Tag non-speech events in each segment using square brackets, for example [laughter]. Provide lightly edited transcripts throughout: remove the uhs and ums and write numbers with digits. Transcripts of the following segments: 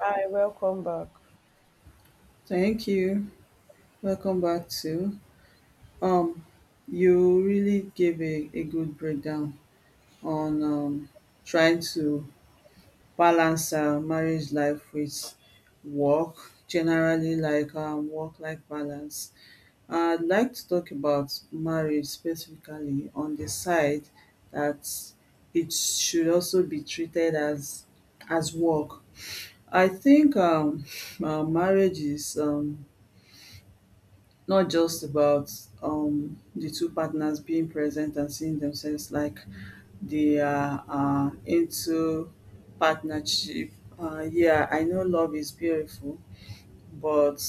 Hi, welcome back. Thank you. Welcome back to um you really gave a good breakdown on trying to balance marriage life with work, generally like work life balance. I'd like to talk about marriage specifically on the side that it should also be treated as work. I think [laughs] marriage is not just about the two partners being present and seeing themselves like they are into partnership. Yeah, I know love is beautiful, but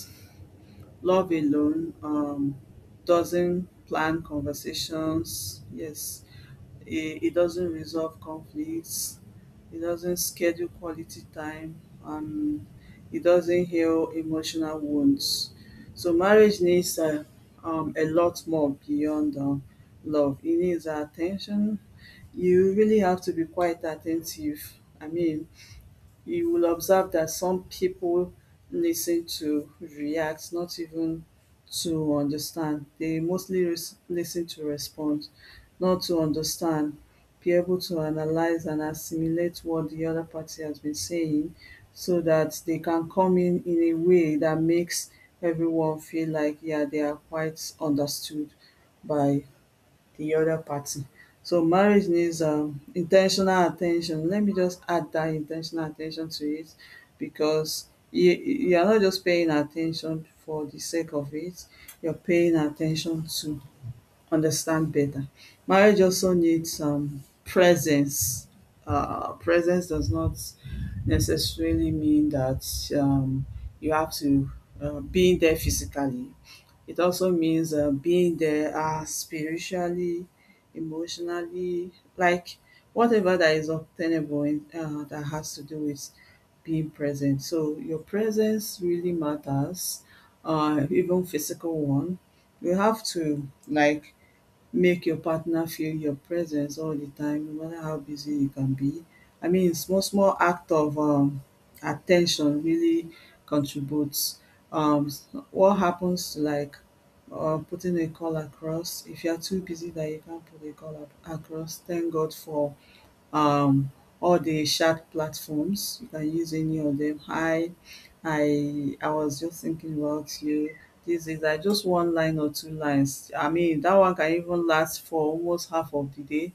love alone doesn't plan conversations. Yes, it doesn't resolve conflicts. It doesn't schedule quality time, and it doesn't heal emotional wounds. So marriage needs a lot more beyond love. It needs our attention. You really have to be quite attentive. I mean, you will observe that some people listen to react, not even to understand. They mostly listen to respond, not to understand. Be able to analyze and assimilate what the other party has been saying so that they can come in a way that makes everyone feel like, yeah, they are quite understood by the other party. So marriage needs in ten Let me just add that intentional attention to it because you are not just paying attention for the sake of it, you're paying attention to understand better. Marriage also needs presence. Presence does not necessarily mean that you have to being there physically. It also means being there spiritually, emotionally, like whatever that is obtainable in, that has to do with being present. So your presence really matters, even physical one. You have to like make your partner feel your presence all the time no matter how busy you can be. I mean small act of at really contributes. What happens to like putting a call across, if you are too busy that you can't put a call across, thank God for um, all the chat platforms. You can use any of them. Hi, I was just thinking about you. This is I just one line or two lines. I mean that one can even last for almost half of the day.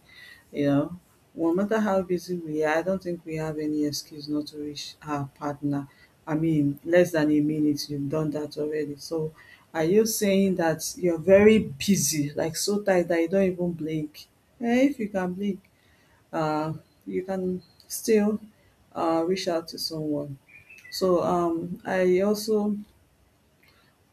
You know, no matter how busy we are, I don't think we have any excuse not to reach our partner. I mean, less than a minute, you've done that already. So, are you saying that you're very busy, like so tight that you don't even blink? Eh, if you can blink, uh, you can still reach out to someone. So I also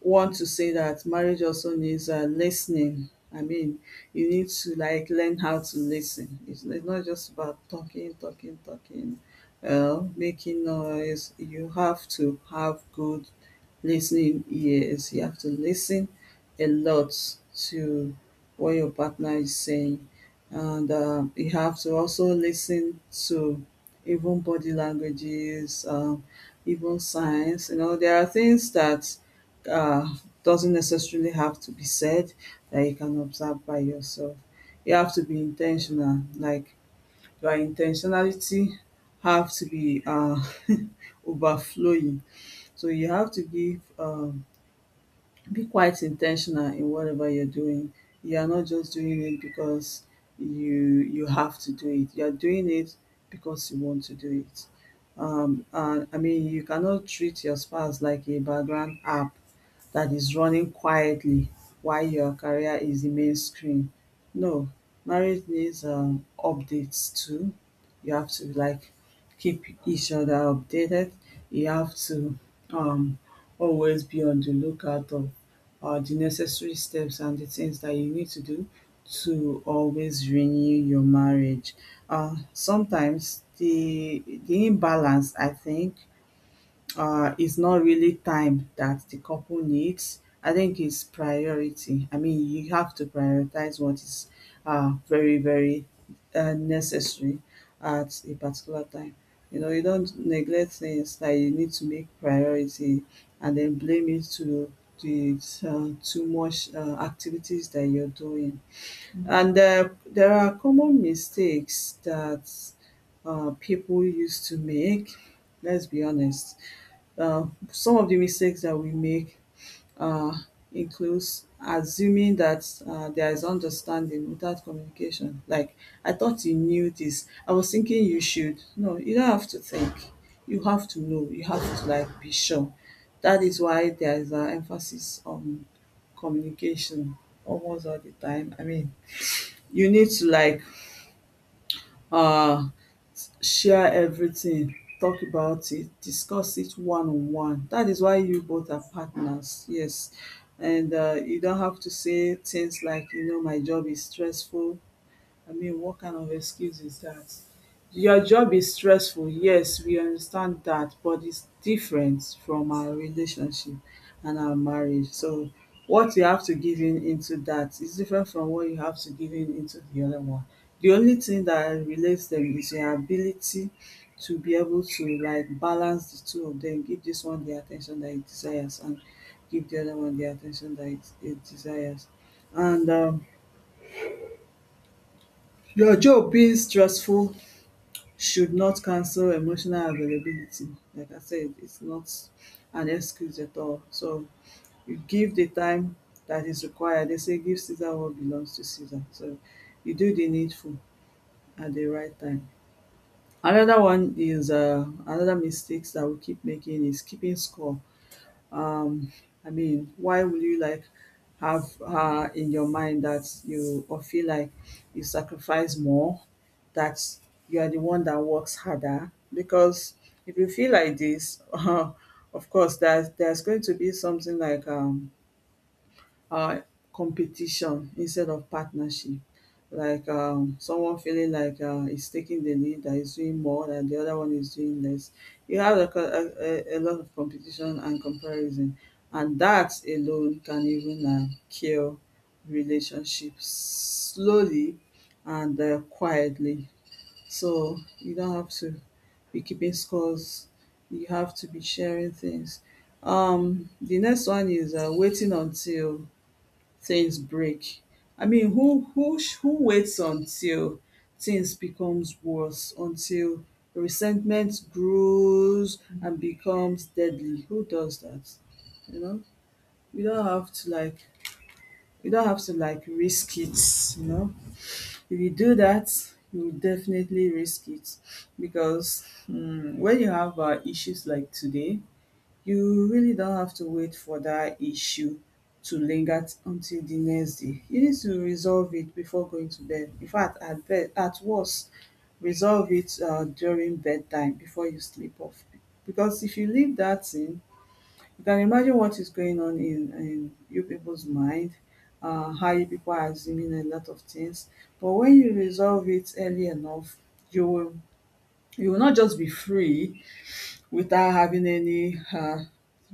want to say that marriage also needs listening. I mean, you need to like learn how to listen. It's not just about talking, talking, talking, making noise. You have to have good listening ears. You have to listen a lot to what your partner is saying. And you have to also listen to even body languages, even signs. You know, there are things that uh, doesn't necessarily have to be said that you can observe by yourself. You have to be intentional. Like your intentionality have to be [laughs] overflowing. So you have to give be quite intentional in whatever you're doing. You are not just doing it because you you have to do it. You are doing it because you want to do it. And I mean, you cannot treat your spouse like a background app that is running quietly while your career is the main screen. No, marriage needs updates too. You have to like keep each other updated. You have to um always be on the lookout of the necessary steps and the things that you need to do to always renew your marriage. Sometimes the imbalance, I think, it's not really time that the couple needs. I think it's priority. I mean, you have to prioritize what is very, very necessary at a particular time. You know, you don't neglect things that you need to make priority and then blame it to the too much activities that you're doing. And there are common mistakes that people used to make. Let's be honest some of the mistakes that we make uh, includes assuming that there is understanding without communication. Like, I thought you knew this. I was thinking you should. No, you don't have to think. You have to know. You have to like be sure. That is why there is an emphasis on communication almost all the time. I mean, you need to like uh share everything, talk about it, discuss it one on one. That is why you both are partners, yes. And you don't have to say things like, you know, my job is stressful. I mean, what kind of excuse is that? Your job is stressful, yes, we understand that, but it's different from our relationship and our marriage. So, what you have to give in into that is different from what you have to give in into the other one. The only thing that relates them is your ability to be able to like balance the two of them, give this one the attention that it desires, and give the other one the attention that it desires. And your job being stressful should not cancel emotional availability. Like I said, it's not an excuse at all. So you give the time that is required. They say give Caesar what belongs to Caesar. So you do the needful at the right time. Another one is another mistakes that we keep making is keeping score. um I mean why will you like have in your mind that you or feel like you sacrifice more that you are the one that works harder because if you feel like this [laughs] of course there's going to be something like um competition instead of partnership, like someone feeling like he's taking the lead that he's doing more than the other one is doing less. You have like a co- a lot of competition and comparison, and that alone can even kill relationships slowly and quietly. So you don't have to be keeping scores, you have to be sharing things. The next one is waiting until things break. I mean who waits until things becomes worse, until resentment grows and becomes deadly? Who does that? You know? We don't have to like we don't have to like risk it, you know. If you do that, you will definitely risk it because when you have issues like today, you really don't have to wait for that issue to linger until the next day. You need to resolve it before going to bed. In fact, at bed, at worst, resolve it during bedtime before you sleep off. Because if you leave that in, you can imagine what is going on in you people's mind, how you people are assuming a lot of things. But when you resolve it early enough, you will you will not just be free without having any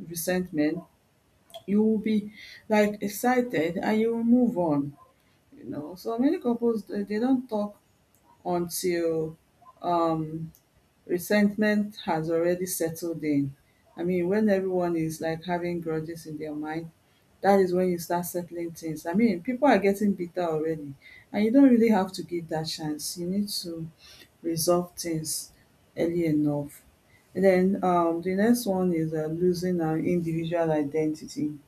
resentment, you will be like excited and you will move on. You know, so many couples, they don't talk until um resentment has already settled in. I mean when everyone is like having grudges in their mind, that is when you start settling things. I mean people are getting bitter already, and you don't really have to give that chance. You need to resolve things early enough. And then the next one is losing our individual identity.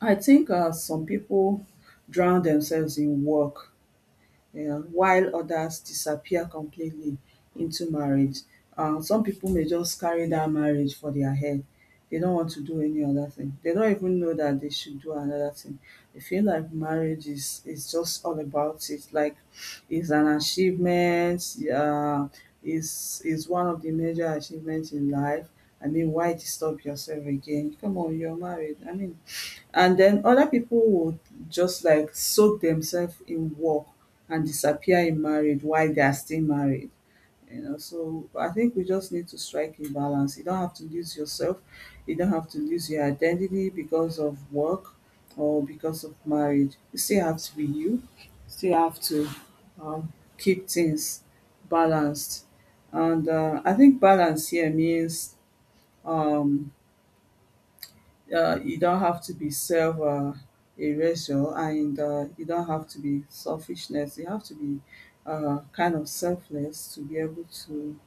I think some people drown themselves in work, while others disappear completely into marriage. Some people may just carry that marriage for their head, they don't want to do any other thing. They don't even know that they should do another thing. They feel like marriage is just all about it, like it's an achievement, um is one of the major achievements in life. I mean why disturb yourself again, come on you're married, I mean, and then other people would just like soak themselves in work and disappear in marriage while they are still married. You know, so I think we just need to strike a balance. You don't have to lose yourself, you don't have to lose your identity because of work or because of marriage. You still have to be you still have to keep things balanced. And I think balance here means um, you don't have to be self erasure and you don't have to be selfishness. You have to be kind of selfless to be able to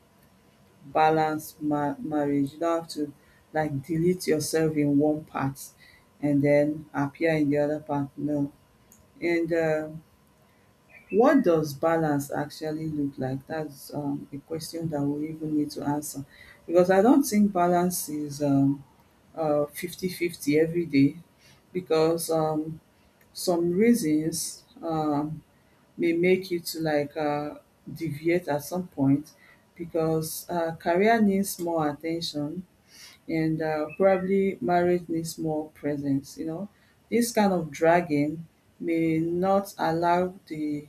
balance marriage. You don't have to like delete yourself in one part and then appear in the other part. No. And what does balance actually look like? That's a question that we even need to answer because I don't think balance is 50-50 day because some reasons may make you to like deviate at some point because career needs more attention and probably marriage needs more presence. This kind of dragging may not allow the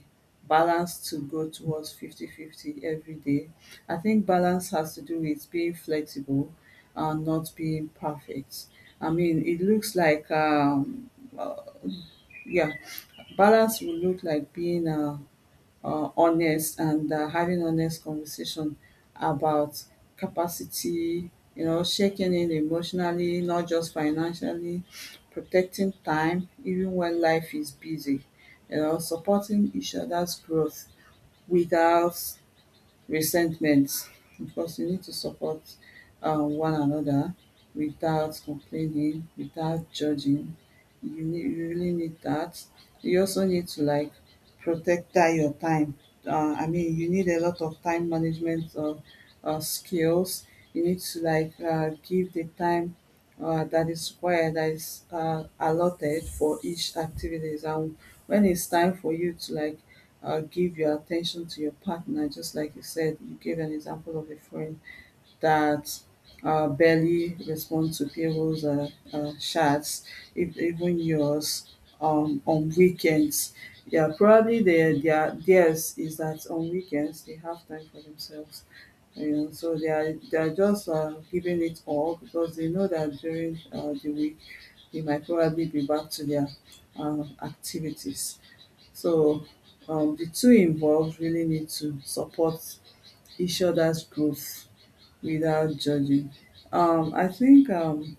balance to go towards 50-50 every day. I think balance has to do with being flexible and not being perfect. I mean, it looks like uh, yeah, balance will look like being honest and having honest conversation about capacity, checking in emotionally not just financially, protecting time even when life is busy, supporting each other's growth without resentment because you need to support one another without complaining, without judging. You really need that. You also need to like protect that your time. I mean, you need a lot of time management skills. You need to like give the time that is required, that is allotted for each activities. And when it's time for you to like give your attention to your partner, just like you said, you gave an example of a friend that barely responds to people's chats, if, even yours, on weekends. Yeah, probably theirs is that on weekends they have time for themselves. So they are just giving it all because they know that during the week they might probably be back to their activities. So the two involved really need to support each other's growth without judging. I think um,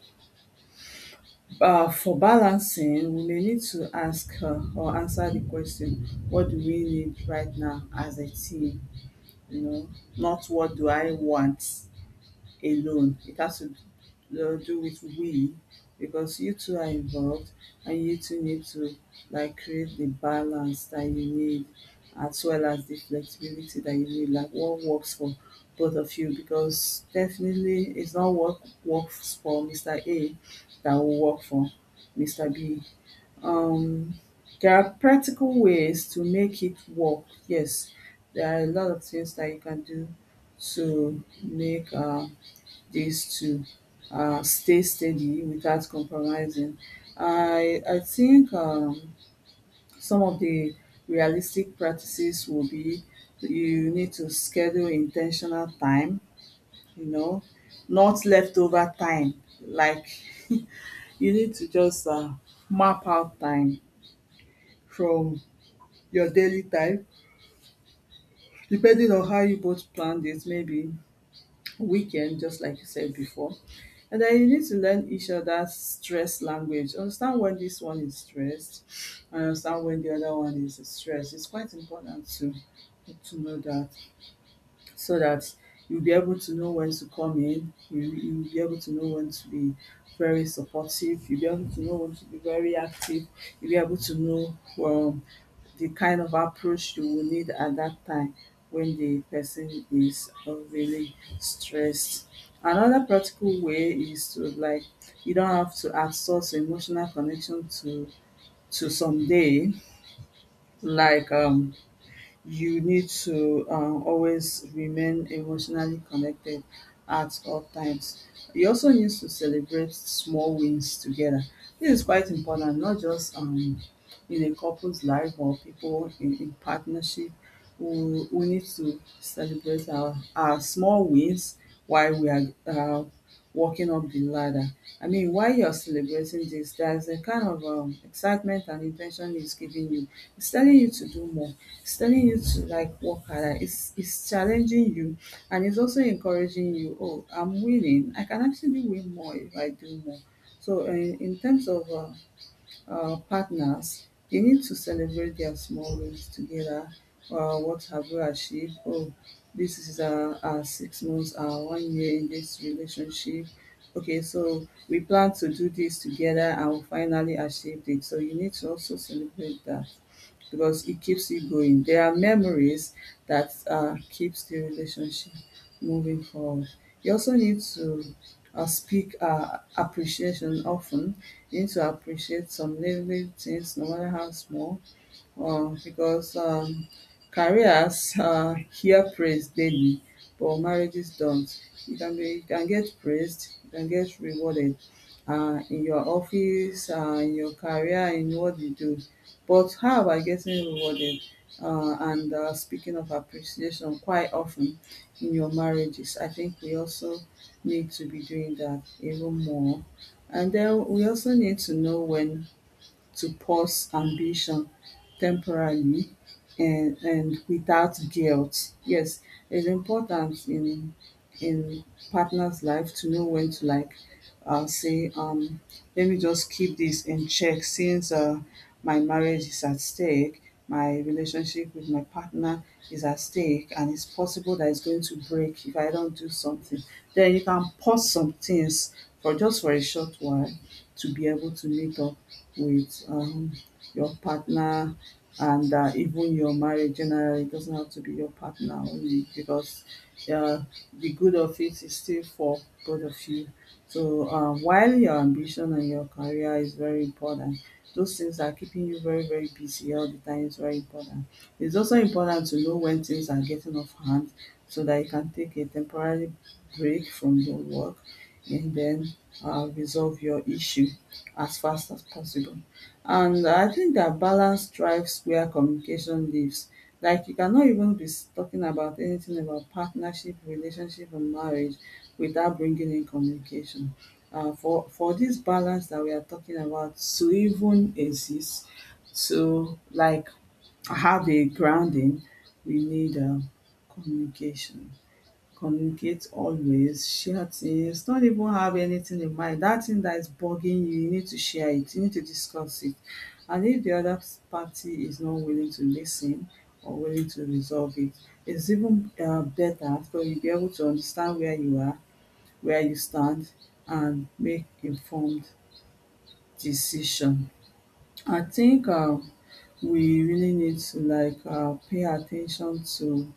uh, for balancing, we may need to ask or answer the question, what do we need right now as a team? You know, not what do I want alone. It has to do with we because you two are involved and you two need to like create the balance that you need as well as the flexibility that you need, like what works for both of you, because definitely it's not what works for Mr A that will work for Mr B. um there are practical ways to make it work, yes, there are a lot of things that you can do to make is to stay steady without compromising. I think some of the realistic practices will be you need to schedule intentional time, you know, not leftover time. Like [laughs] you need to just map out time from your daily time, depending on how you both planned it, maybe weekend, just like you said before. And then you need to learn each other's stress language. Understand when this one is stressed and understand when the other one is stressed. It's quite important to know that so that you'll be able to know when to come in, you'll be able to know when to be very supportive, you'll be able to know when to be very active, you'll be able to know well the kind of approach you will need at that time when the person is really stressed. Another practical way is to like you don't have to outsource emotional connection to someday, like you need to always remain emotionally connected at all times. You also need to celebrate small wins together. This is quite important, not just in a couple's life or people in partnership. We need to celebrate our small wins while we are walking up the ladder. I mean, while you're celebrating this, there's a kind of excitement and intention it's giving you. It's telling you to do more, it's telling you to like work harder. It's challenging you, and it's also encouraging you. Oh, I'm willing. I can actually win more if I do more. So in terms of partners, you need to celebrate their small wins together. What have you achieved? Oh, this is our 6 months, our 1 year in this relationship. Okay, so we plan to do this together and we finally achieved it. So you need to also celebrate that because it keeps you going. There are memories that keeps the relationship moving forward. You also need to speak appreciation often. You need to appreciate some little things, no matter how small, because careers hear praise daily, but marriages don't. You can get praised, you can get rewarded in your office, in your career, in what you do. But how about getting rewarded and speaking of appreciation quite often in your marriages? I think we also need to be doing that even more. And then we also need to know when to pause ambition temporarily, and without guilt. Yes, it's important in partner's life to know when to like say, let me just keep this in check since my marriage is at stake, my relationship with my partner is at stake and it's possible that it's going to break if I don't do something. Then you can pause some things for just for a short while to be able to meet up with your partner and even your marriage generally. It doesn't have to be your partner only because uh, the good of it is still for both of you. So while your ambition and your career is very important, those things are keeping you very, very busy all the time is very important. It's also important to know when things are getting off hand so that you can take a temporary break from your work and then resolve your issue as fast as possible. And I think that balance drives where communication lives. Like you cannot even be talking about anything about partnership, relationship, and marriage without bringing in communication. For this balance that we are talking about to even exist, to like have a grounding, we need communication. Communicate always, share things, don't even have anything in mind, that thing that is bugging you, you need to share it, you need to discuss it. And if the other party is not willing to listen or willing to resolve it, it's even better for you to be able to understand where you are, where you stand and make informed decision. I think we really need to like pay attention to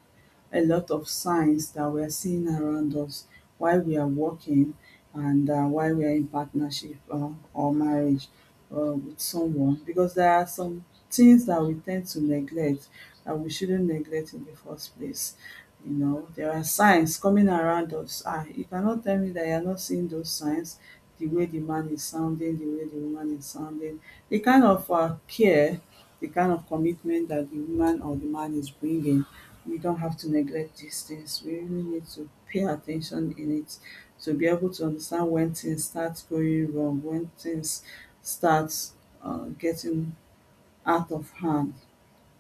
a lot of signs that we are seeing around us while we are working and while we are in partnership or marriage with someone because there are some things that we tend to neglect that we shouldn't neglect in the first place. There are signs coming around us. Ah, you cannot tell me that you're not seeing those signs, the way the man is sounding, the way the woman is sounding, the kind of care, the kind of commitment that the woman or the man is bringing. We don't have to neglect these things. We really need to pay attention in it to be able to understand when things start going wrong, when things start getting out of hand.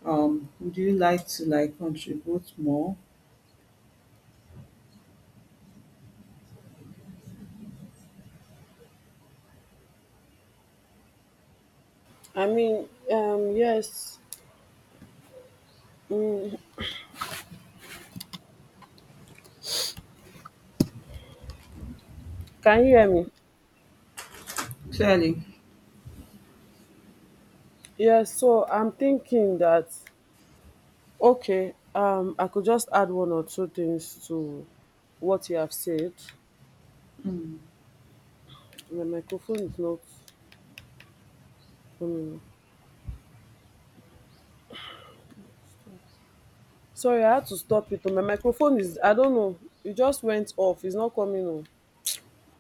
Would you like to like contribute more? Yes. Can you hear me? Clearly. Yes. So I'm thinking that okay, I could just add one or two things to what you have said. Mm. My microphone is not. Um, sorry, I had to stop it. Oh, My microphone is. I don't know. It just went off. It's not coming on.